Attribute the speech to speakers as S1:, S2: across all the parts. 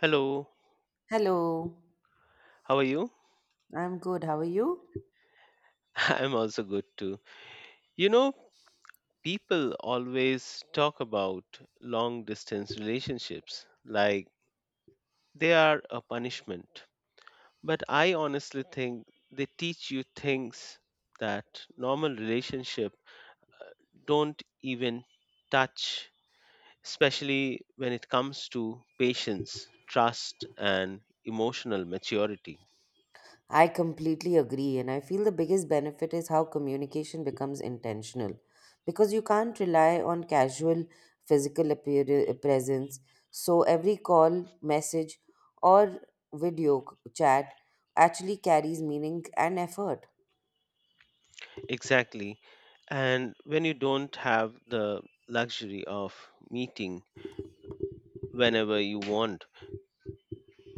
S1: Hello,
S2: Hello,
S1: how are you?
S2: I'm good. How are you?
S1: I'm also good too. You know, people always talk about long distance relationships like they are a punishment. But I honestly think they teach you things that normal relationship don't even touch, especially when it comes to patience, trust and emotional maturity.
S2: I completely agree, and I feel the biggest benefit is how communication becomes intentional because you can't rely on casual physical presence. So, every call, message, or video chat actually carries meaning and effort.
S1: Exactly. And when you don't have the luxury of meeting whenever you want,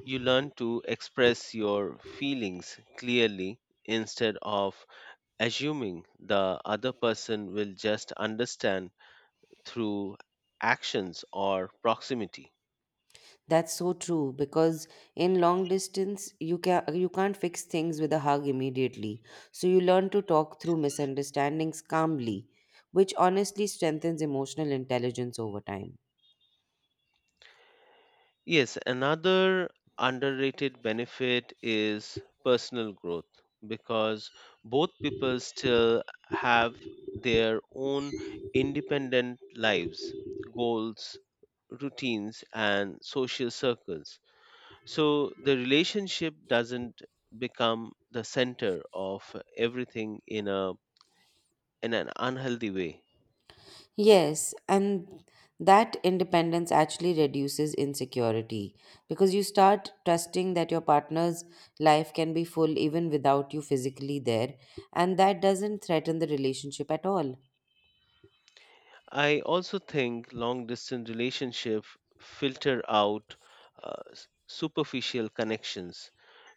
S1: you learn to express your feelings clearly instead of assuming the other person will just understand through actions or proximity.
S2: That's so true because in long distance you can't fix things with a hug immediately. So you learn to talk through misunderstandings calmly, which honestly strengthens emotional intelligence over time.
S1: Yes, another underrated benefit is personal growth because both people still have their own independent lives, goals, routines, and social circles. So the relationship doesn't become the center of everything in an unhealthy way.
S2: Yes, and that independence actually reduces insecurity because you start trusting that your partner's life can be full even without you physically there, and that doesn't threaten the relationship at all.
S1: I also think long distance relationships filter out superficial connections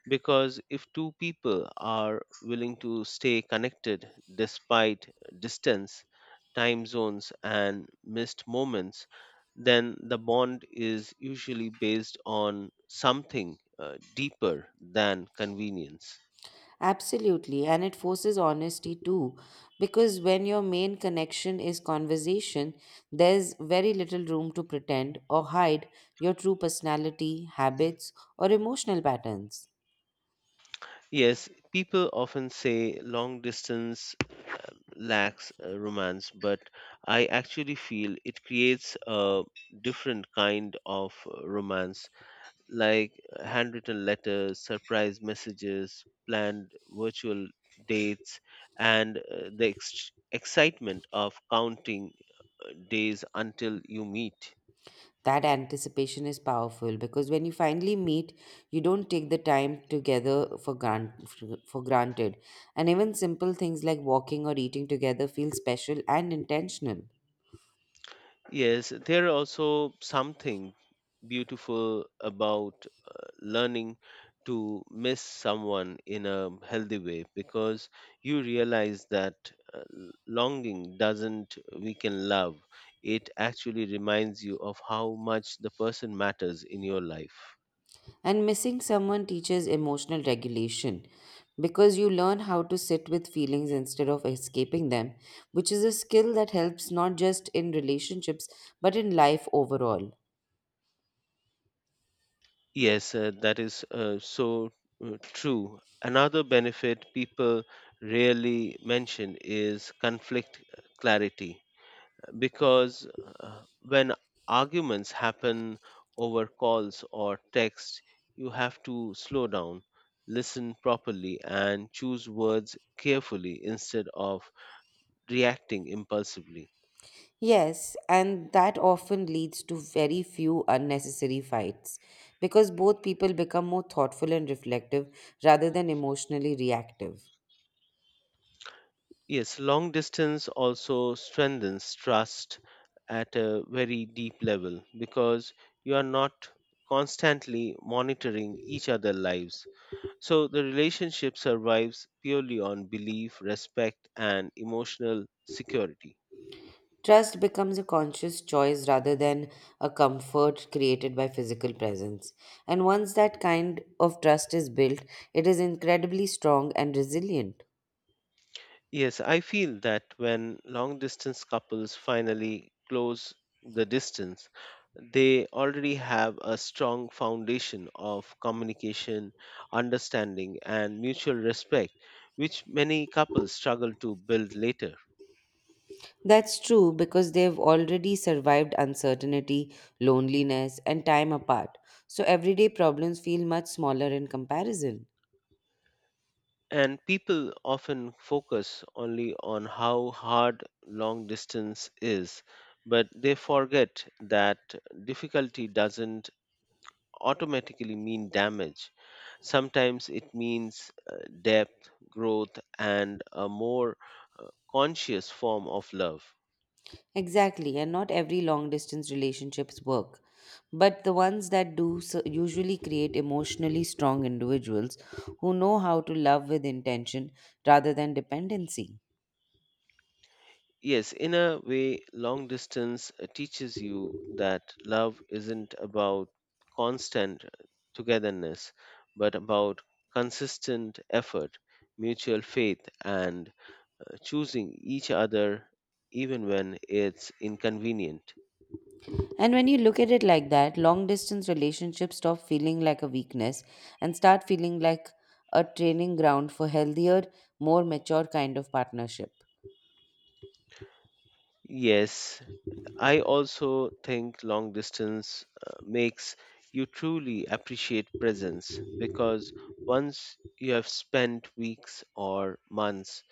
S1: because if two people are willing to stay connected despite distance, time zones, and missed moments, then the bond is usually based on something deeper than convenience.
S2: Absolutely, and it forces honesty too, because when your main connection is conversation, there's very little room to pretend or hide your true personality, habits, or emotional patterns.
S1: Yes, people often say long distance lacks romance, but I actually feel it creates a different kind of romance, like handwritten letters, surprise messages, planned virtual dates, and excitement of counting days until you meet.
S2: That anticipation is powerful because when you finally meet, you don't take the time together for granted, and even simple things like walking or eating together feel special and intentional.
S1: Yes, there are also something beautiful about learning to miss someone in a healthy way because you realize that longing doesn't weaken love. It actually reminds you of how much the person matters in your life.
S2: And missing someone teaches emotional regulation because you learn how to sit with feelings instead of escaping them, which is a skill that helps not just in relationships but in life overall.
S1: Yes, that is so True. Another benefit people rarely mention is conflict clarity because when arguments happen over calls or text, you have to slow down, listen properly, and choose words carefully instead of reacting impulsively.
S2: Yes, and that often leads to very few unnecessary fights because both people become more thoughtful and reflective rather than emotionally reactive.
S1: Yes, long distance also strengthens trust at a very deep level because you are not constantly monitoring each other's lives. So the relationship survives purely on belief, respect, and emotional security.
S2: Trust becomes a conscious choice rather than a comfort created by physical presence. And once that kind of trust is built, it is incredibly strong and resilient.
S1: Yes, I feel that when long distance couples finally close the distance, they already have a strong foundation of communication, understanding, and mutual respect, which many couples struggle to build later.
S2: That's true because they've already survived uncertainty, loneliness, and time apart. So everyday problems feel much smaller in comparison.
S1: And people often focus only on how hard long distance is, but they forget that difficulty doesn't automatically mean damage. Sometimes it means depth, growth, and a more uh, conscious form of love.
S2: Exactly, and not every long distance relationships work. But the ones that do so usually create emotionally strong individuals who know how to love with intention rather than dependency.
S1: Yes, in a way, long distance teaches you that love isn't about constant togetherness, but about consistent effort, mutual faith, and choosing each other even when it's inconvenient.
S2: And when you look at it like that, long distance relationships stop feeling like a weakness and start feeling like a training ground for healthier, more mature kind of partnership.
S1: Yes, I also think long distance makes you truly appreciate presence because once you have spent weeks or months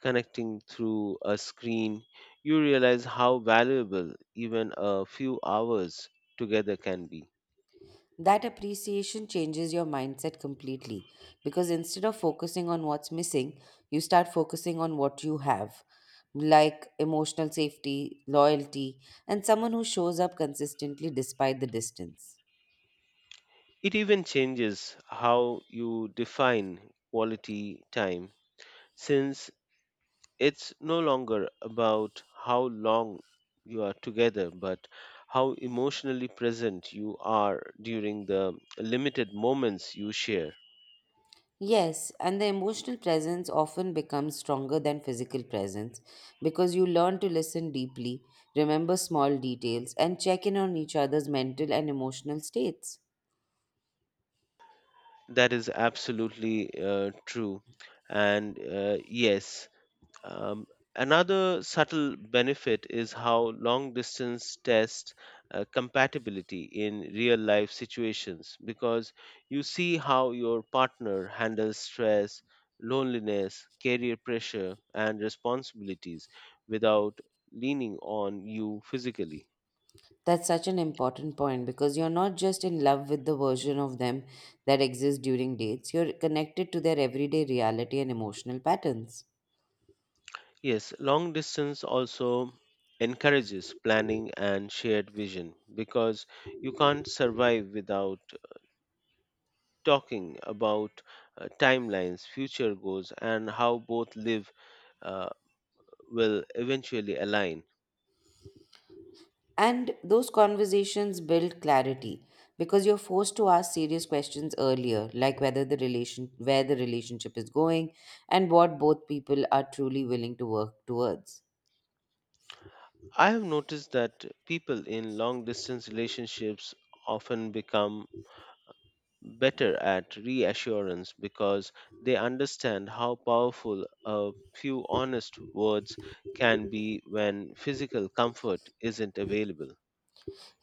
S1: connecting through a screen, you realize how valuable even a few hours together can be.
S2: That appreciation changes your mindset completely because instead of focusing on what's missing, you start focusing on what you have, like emotional safety, loyalty, and someone who shows up consistently despite the distance.
S1: It even changes how you define quality time since it's no longer about how long you are together but how emotionally present you are during the limited moments you share.
S2: Yes, and the emotional presence often becomes stronger than physical presence because you learn to listen deeply, remember small details, and check in on each other's mental and emotional states.
S1: That is absolutely true. And yes. Um, Another subtle benefit is how long distance tests compatibility in real life situations because you see how your partner handles stress, loneliness, career pressure, and responsibilities without leaning on you physically.
S2: That's such an important point because you're not just in love with the version of them that exists during dates, you're connected to their everyday reality and emotional patterns.
S1: Yes, long distance also encourages planning and shared vision because you can't survive without talking about timelines, future goals, and how both live uh, will eventually align.
S2: And those conversations build clarity because you're forced to ask serious questions earlier, like whether the relation where the relationship is going and what both people are truly willing to work towards.
S1: I have noticed that people in long distance relationships often become better at reassurance because they understand how powerful a few honest words can be when physical comfort isn't available.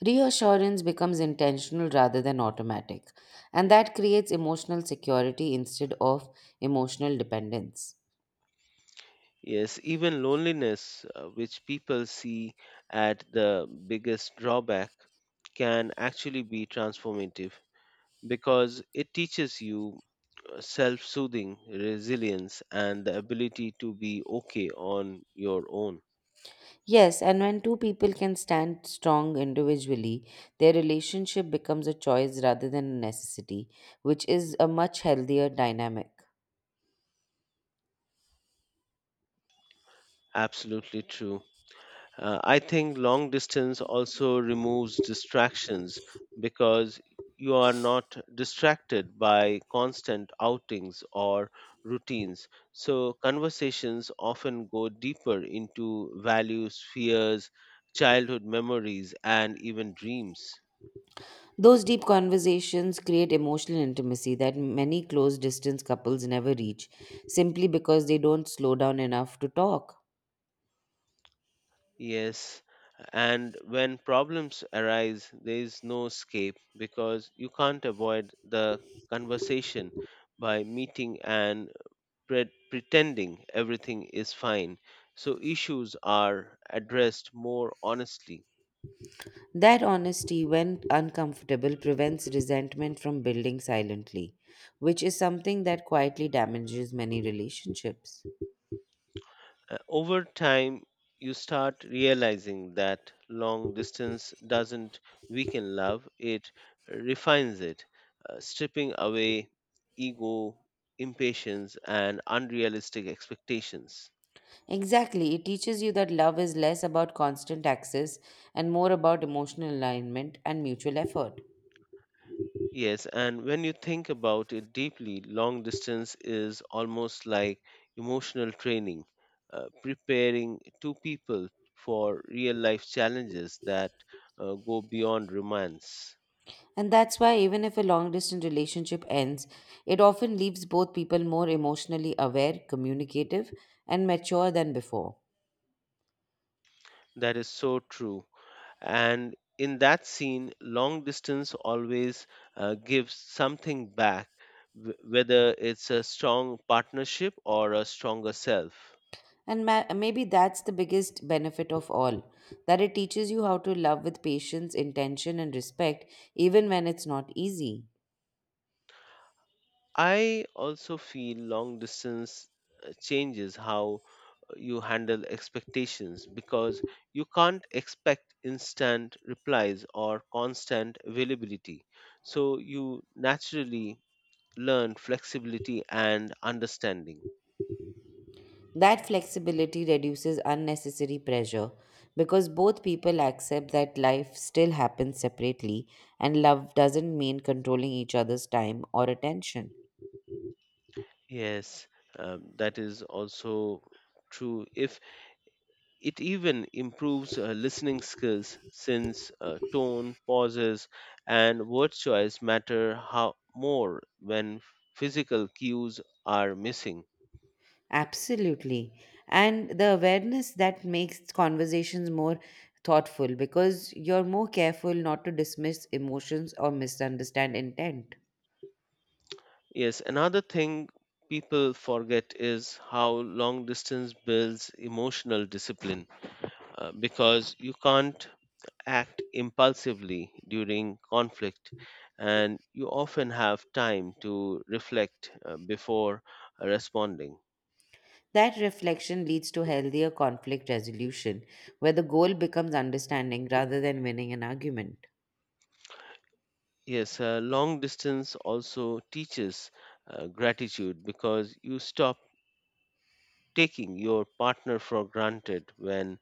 S2: Reassurance becomes intentional rather than automatic, and that creates emotional security instead of emotional dependence.
S1: Yes, even loneliness, which people see at the biggest drawback, can actually be transformative because it teaches you self soothing, resilience, and the ability to be okay on your own.
S2: Yes, and when two people can stand strong individually, their relationship becomes a choice rather than a necessity, which is a much healthier dynamic.
S1: Absolutely true. I think long distance also removes distractions because you are not distracted by constant outings or routines. So, conversations often go deeper into values, fears, childhood memories, and even dreams.
S2: Those deep conversations create emotional intimacy that many close distance couples never reach simply because they don't slow down enough to talk.
S1: Yes. And when problems arise, there is no escape because you can't avoid the conversation by meeting and pretending everything is fine, so issues are addressed more honestly.
S2: That honesty, when uncomfortable, prevents resentment from building silently, which is something that quietly damages many relationships.
S1: Over time, you start realizing that long distance doesn't weaken love, it refines it, stripping away ego, impatience, and unrealistic expectations.
S2: Exactly. It teaches you that love is less about constant access and more about emotional alignment and mutual effort.
S1: Yes, and when you think about it deeply, long distance is almost like emotional training, preparing two people for real life challenges that go beyond romance.
S2: And that's why, even if a long distance relationship ends, it often leaves both people more emotionally aware, communicative, and mature than before.
S1: That is so true. And in that scene, long distance always gives something back, whether it's a strong partnership or a stronger self.
S2: And maybe that's the biggest benefit of all that it teaches you how to love with patience, intention, and respect, even when it's not easy.
S1: I also feel long distance changes how you handle expectations because you can't expect instant replies or constant availability. So you naturally learn flexibility and understanding.
S2: That flexibility reduces unnecessary pressure because both people accept that life still happens separately and love doesn't mean controlling each other's time or attention.
S1: Yes, that is also true. If it even improves listening skills, since tone, pauses, and word choice matter how more when physical cues are missing.
S2: Absolutely. And the awareness that makes conversations more thoughtful because you're more careful not to dismiss emotions or misunderstand intent.
S1: Yes, another thing people forget is how long distance builds emotional discipline because you can't act impulsively during conflict and you often have time to reflect before responding.
S2: That reflection leads to healthier conflict resolution, where the goal becomes understanding rather than winning an argument.
S1: Yes, long distance also teaches gratitude because you stop taking your partner for granted when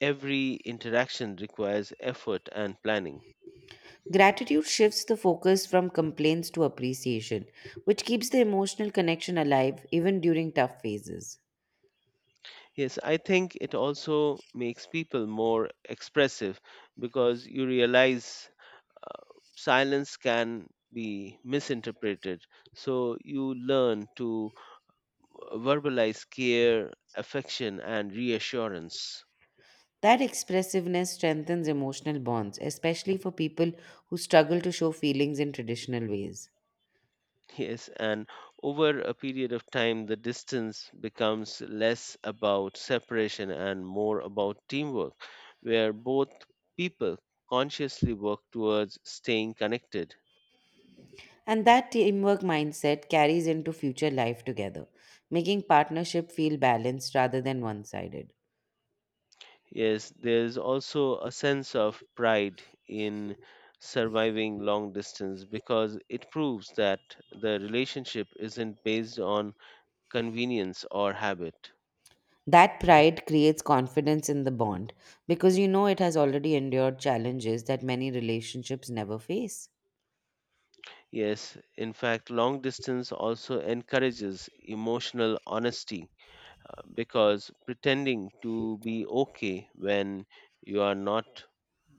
S1: every interaction requires effort and planning.
S2: Gratitude shifts the focus from complaints to appreciation, which keeps the emotional connection alive even during tough phases.
S1: Yes, I think it also makes people more expressive because you realize uh, silence can be misinterpreted. So you learn to verbalize care, affection, and reassurance.
S2: That expressiveness strengthens emotional bonds, especially for people who struggle to show feelings in traditional ways.
S1: Yes, and over a period of time, the distance becomes less about separation and more about teamwork, where both people consciously work towards staying connected.
S2: And that teamwork mindset carries into future life together, making partnership feel balanced rather than one sided.
S1: Yes, there's also a sense of pride in surviving long distance because it proves that the relationship isn't based on convenience or habit.
S2: That pride creates confidence in the bond because you know it has already endured challenges that many relationships never face.
S1: Yes, in fact, long distance also encourages emotional honesty because pretending to be okay when you are not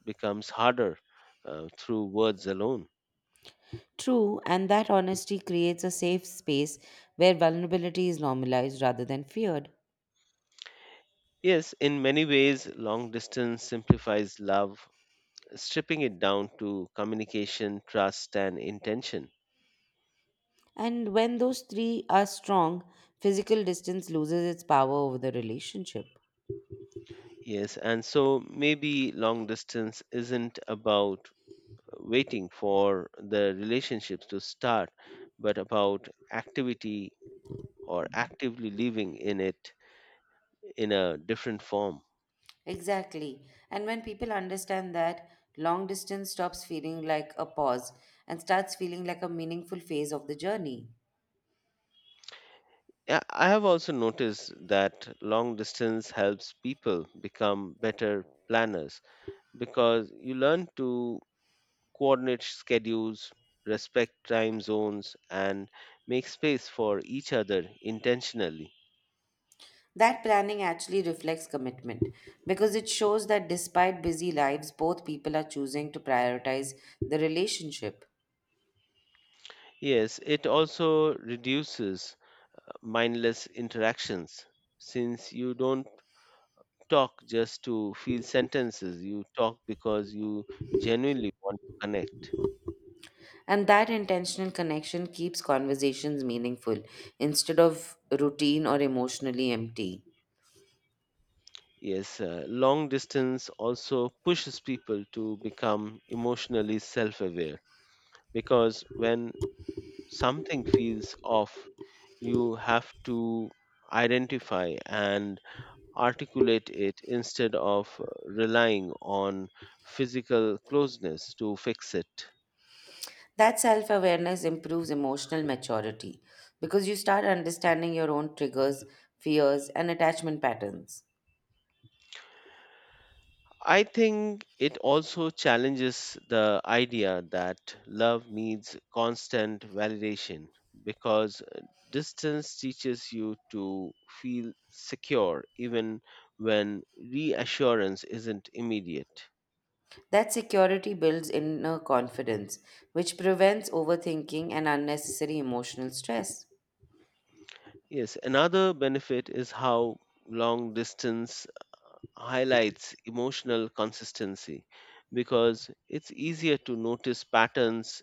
S1: becomes harder through words alone.
S2: True, and that honesty creates a safe space where vulnerability is normalized rather than feared.
S1: Yes, in many ways, long distance simplifies love stripping it down to communication, trust, and intention.
S2: And when those three are strong, physical distance loses its power over the relationship.
S1: Yes, and so maybe long distance isn't about waiting for the relationships to start, but about activity or actively living in it in a different form.
S2: Exactly. And when people understand that, long distance stops feeling like a pause and starts feeling like a meaningful phase of the journey.
S1: Yeah, I have also noticed that long distance helps people become better planners because you learn to coordinate schedules, respect time zones, and make space for each other intentionally.
S2: That planning actually reflects commitment because it shows that despite busy lives, both people are choosing to prioritize the relationship.
S1: Yes, it also reduces mindless interactions since you don't talk just to fill sentences, you talk because you genuinely want to connect.
S2: And that intentional connection keeps conversations meaningful instead of routine or emotionally empty.
S1: Yes, long distance also pushes people to become emotionally self aware because when something feels off, you have to identify and articulate it instead of relying on physical closeness to fix it.
S2: That self awareness improves emotional maturity because you start understanding your own triggers, fears, and attachment patterns.
S1: I think it also challenges the idea that love needs constant validation because distance teaches you to feel secure even when reassurance isn't immediate.
S2: That security builds inner confidence, which prevents overthinking and unnecessary emotional stress.
S1: Yes, another benefit is how long distance highlights emotional consistency because it's easier to notice patterns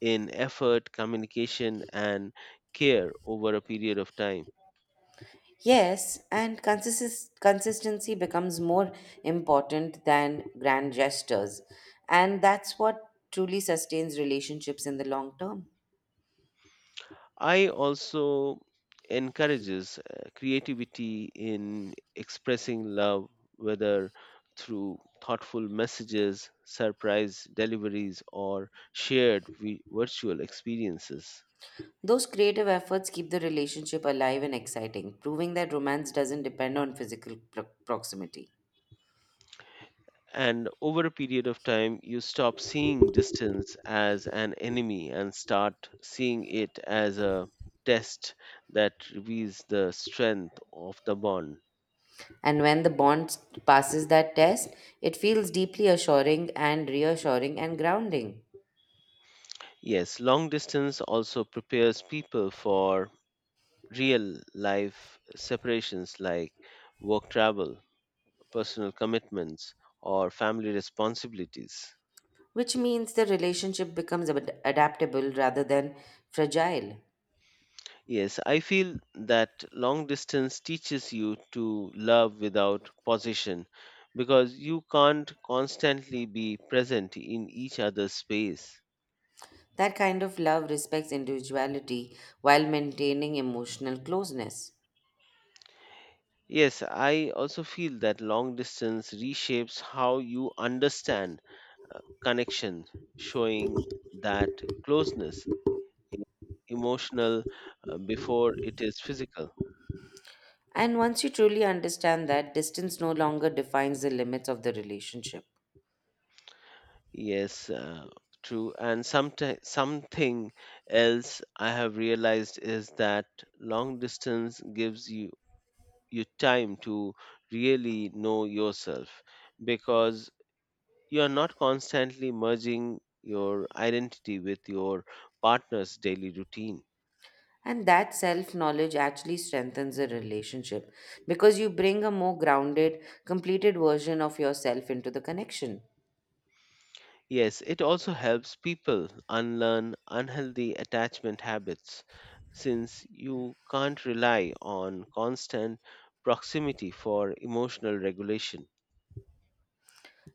S1: in effort, communication, and care over a period of time.
S2: Yes, and consistency becomes more important than grand gestures. And that's what truly sustains relationships in the long term.
S1: I also encourages creativity in expressing love, whether through thoughtful messages, surprise deliveries, or shared virtual experiences.
S2: Those creative efforts keep the relationship alive and exciting, proving that romance doesn't depend on physical proximity.
S1: And over a period of time, you stop seeing distance as an enemy and start seeing it as a test that reveals the strength of the bond.
S2: And when the bond passes that test, it feels deeply assuring and reassuring and grounding,
S1: Yes, long distance also prepares people for real life separations like work travel, personal commitments, or family responsibilities.
S2: which means the relationship becomes adaptable rather than fragile.
S1: Yes, I feel that long distance teaches you to love without possession because you can't constantly be present in each other's space.
S2: That kind of love respects individuality while maintaining emotional closeness.
S1: Yes, I also feel that long distance reshapes how you understand connection, showing that closeness is emotional before it is physical.
S2: And once you truly understand that, distance no longer defines the limits of the relationship.
S1: Yes, uh, True. And something else I have realized is that long distance gives you time to really know yourself because you are not constantly merging your identity with your partner's daily routine.
S2: And that self knowledge actually strengthens the relationship because you bring a more grounded, completed version of yourself into the connection.
S1: Yes, it also helps people unlearn unhealthy attachment habits since you can't rely on constant proximity for emotional regulation.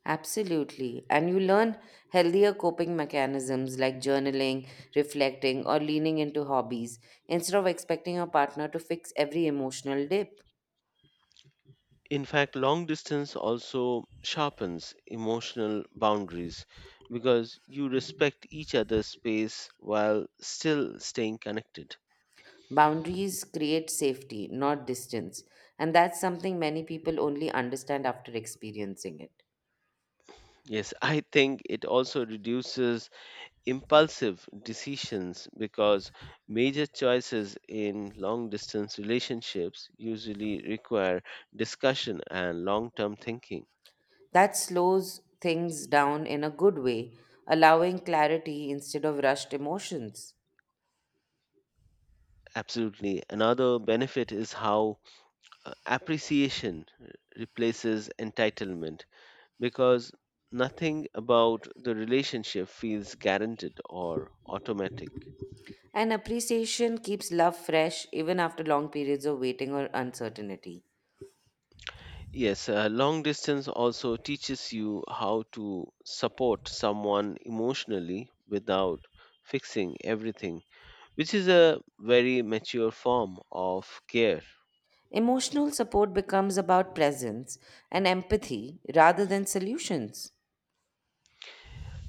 S2: Absolutely. And you learn healthier coping mechanisms like journaling, reflecting, or leaning into hobbies instead of expecting your partner to fix every emotional dip.
S1: In fact, long distance also sharpens emotional boundaries because you respect each other's space while still staying connected.
S2: Boundaries create safety, not distance, and that's something many people only understand after experiencing it.
S1: Yes, I think it also reduces impulsive decisions because major choices in long distance relationships usually require discussion and long term thinking.
S2: That slows things down in a good way, allowing clarity instead of rushed emotions.
S1: Absolutely. Another benefit is how appreciation replaces entitlement because nothing about the relationship feels guaranteed or automatic.
S2: And appreciation keeps love fresh even after long periods of waiting or uncertainty.
S1: Yes, long distance also teaches you how to support someone emotionally without fixing everything, which is a very mature form of care.
S2: Emotional support becomes about presence and empathy rather than solutions.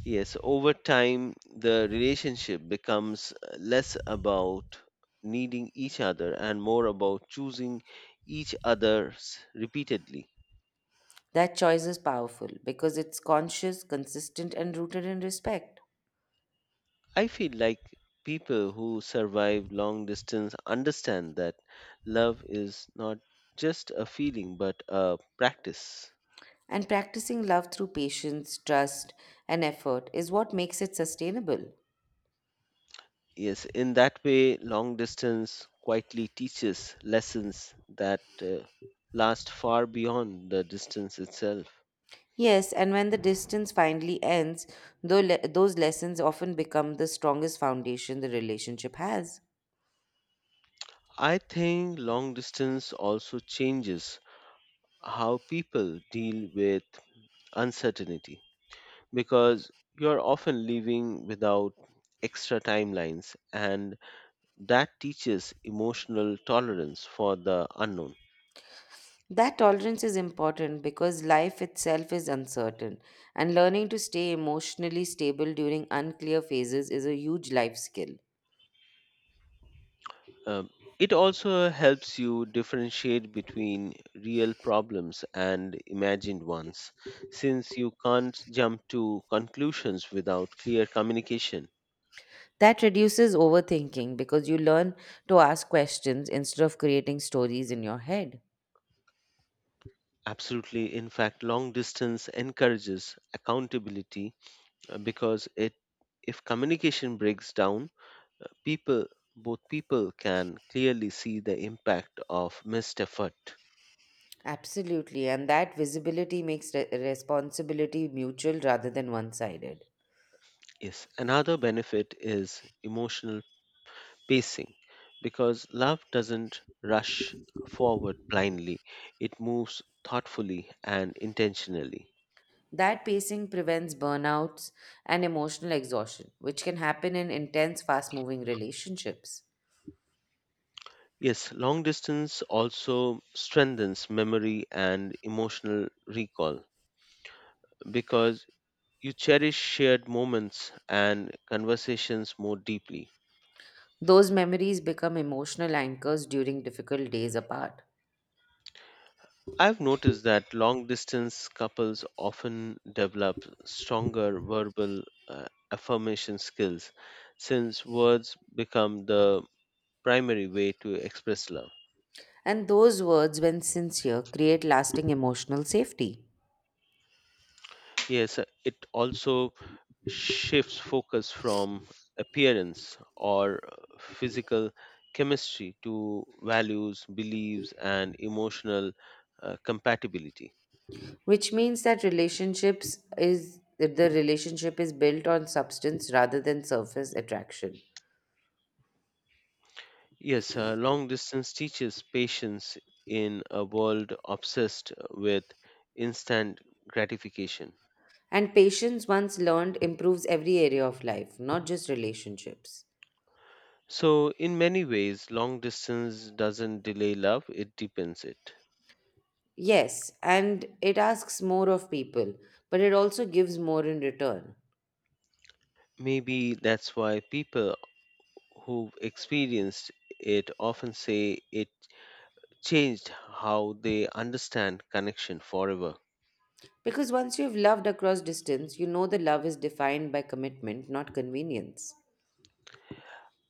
S1: Yes, over time, the relationship becomes less about needing each other and more about choosing each other's repeatedly.
S2: That choice is powerful because it's conscious, consistent, and rooted in respect.
S1: I feel like people who survive long distance understand that love is not just a feeling but a practice.
S2: And practicing love through patience, trust, and effort is what makes it sustainable.
S1: Yes, in that way, long distance quietly teaches lessons that last far beyond the distance itself.
S2: Yes, and when the distance finally ends, though those lessons often become the strongest foundation the relationship has.
S1: I think long distance also changes how people deal with uncertainty because you're often leaving without extra timelines and that teaches emotional tolerance for the unknown.
S2: That tolerance is important because life itself is uncertain, and learning to stay emotionally stable during unclear phases is a huge life skill.
S1: Um, it also helps you differentiate between real problems and imagined ones, since you can't jump to conclusions without clear communication.
S2: That reduces overthinking because you learn to ask questions instead of creating stories in your head.
S1: Absolutely. In fact, long distance encourages accountability because it if communication breaks down, people both people can clearly see the impact of missed effort.
S2: Absolutely, and that visibility makes responsibility mutual rather than one sided.
S1: Yes, another benefit is emotional pacing because love doesn't rush forward blindly, it moves thoughtfully and intentionally.
S2: That pacing prevents burnouts and emotional exhaustion, which can happen in intense, fast moving relationships.
S1: Yes, long distance also strengthens memory and emotional recall because you cherish shared moments and conversations more deeply.
S2: Those memories become emotional anchors during difficult days apart.
S1: I've noticed that long distance couples often develop stronger verbal uh, affirmation skills since words become the primary way to express love.
S2: And those words, when sincere, create lasting emotional safety,
S1: Yes, it also shifts focus from appearance or physical chemistry to values, beliefs, and emotional compatibility.
S2: which means that relationships is the relationship is built on substance rather than surface attraction.
S1: Yes, long distance teaches patience in a world obsessed with instant gratification.
S2: And patience, once learned, improves every area of life, not just relationships.
S1: So, in many ways, long distance doesn't delay love, it deepens it.
S2: Yes, and it asks more of people, but it also gives more in return.
S1: Maybe that's why people who've experienced it often say it changed how they understand connection forever.
S2: Because once you've loved across distance, you know the love is defined by commitment, not convenience.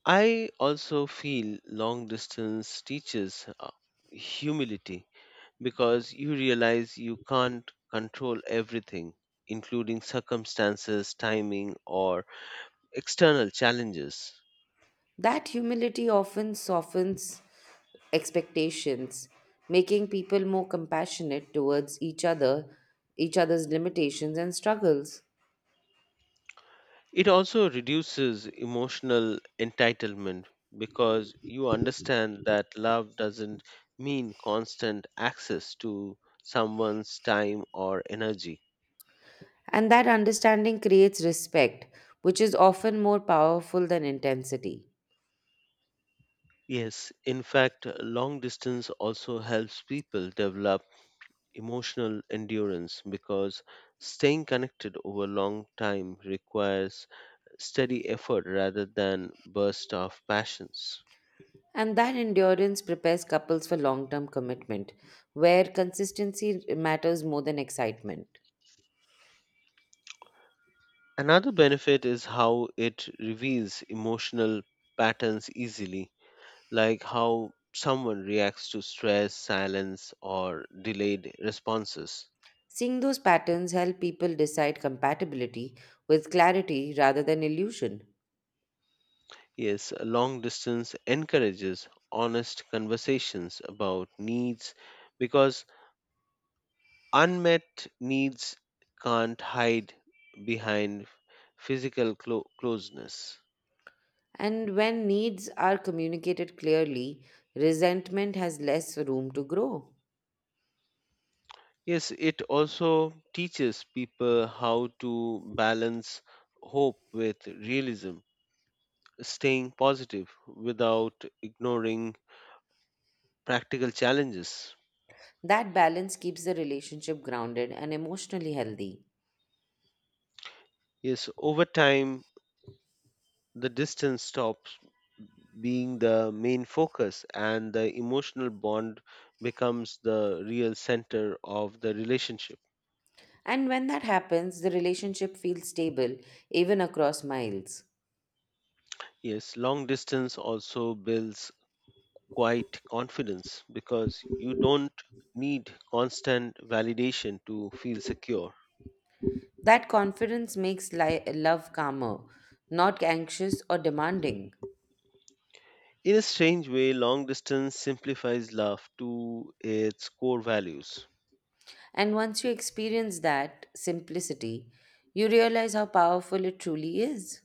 S1: I also feel long distance teaches humility because you realize you can't control everything, including circumstances, timing, or external challenges.
S2: That humility often softens expectations, making people more compassionate towards each other's limitations and struggles.
S1: It also reduces emotional entitlement because you understand that love doesn't mean constant access to someone's time or energy.
S2: And that understanding creates respect, which is often more powerful than intensity.
S1: Yes, in fact, long distance also helps people develop emotional endurance because staying connected over long time requires steady effort rather than burst of passions.
S2: And that endurance prepares couples for long term commitment, where consistency matters more than excitement.
S1: Another benefit is how it reveals emotional patterns easily, like how someone reacts to stress, silence, or delayed responses.
S2: Seeing those patterns help people decide compatibility with clarity rather than illusion.
S1: Yes, long distance encourages honest conversations about needs because unmet needs can't hide behind physical closeness.
S2: And when needs are communicated clearly, resentment has less room to grow.
S1: Yes, it also teaches people how to balance hope with realism, staying positive without ignoring practical challenges.
S2: That balance keeps the relationship grounded and emotionally healthy.
S1: Yes, over time, the distance stops being the main focus, and the emotional bond becomes the real center of the relationship.
S2: And when that happens, the relationship feels stable, even across miles.
S1: Yes, long distance also builds quite confidence because you don't need constant validation to feel secure.
S2: That confidence makes love calmer, not anxious or demanding.
S1: In a strange way, long distance simplifies love to its core values.
S2: And once you experience that simplicity, you realize how powerful it truly is.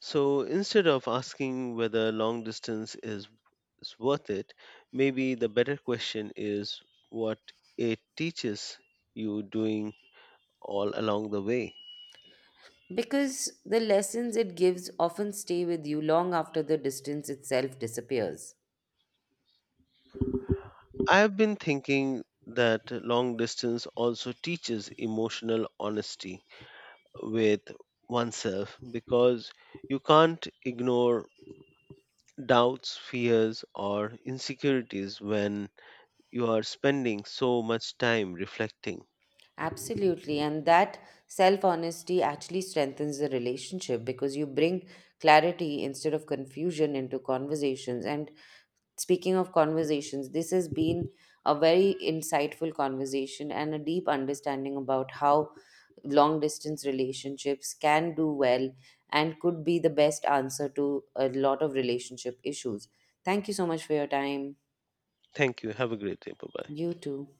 S1: So instead of asking whether long is worth it, maybe the better question is what it teaches you doing all along the way.
S2: Because the lessons it gives often stay with you long after the distance itself disappears.
S1: I have been thinking that long distance also teaches emotional honesty with oneself because you can't ignore doubts, fears, or insecurities when you are spending so much time reflecting.
S2: Absolutely. And that self honesty actually strengthens the relationship because you bring clarity instead of confusion into conversations. And speaking of conversations, this has been a very insightful conversation and a deep understanding about how long distance relationships can do well and could be the best answer to a lot of relationship issues. Thank you so much for your time.
S1: Thank you. Have a great day. Bye bye.
S2: You too.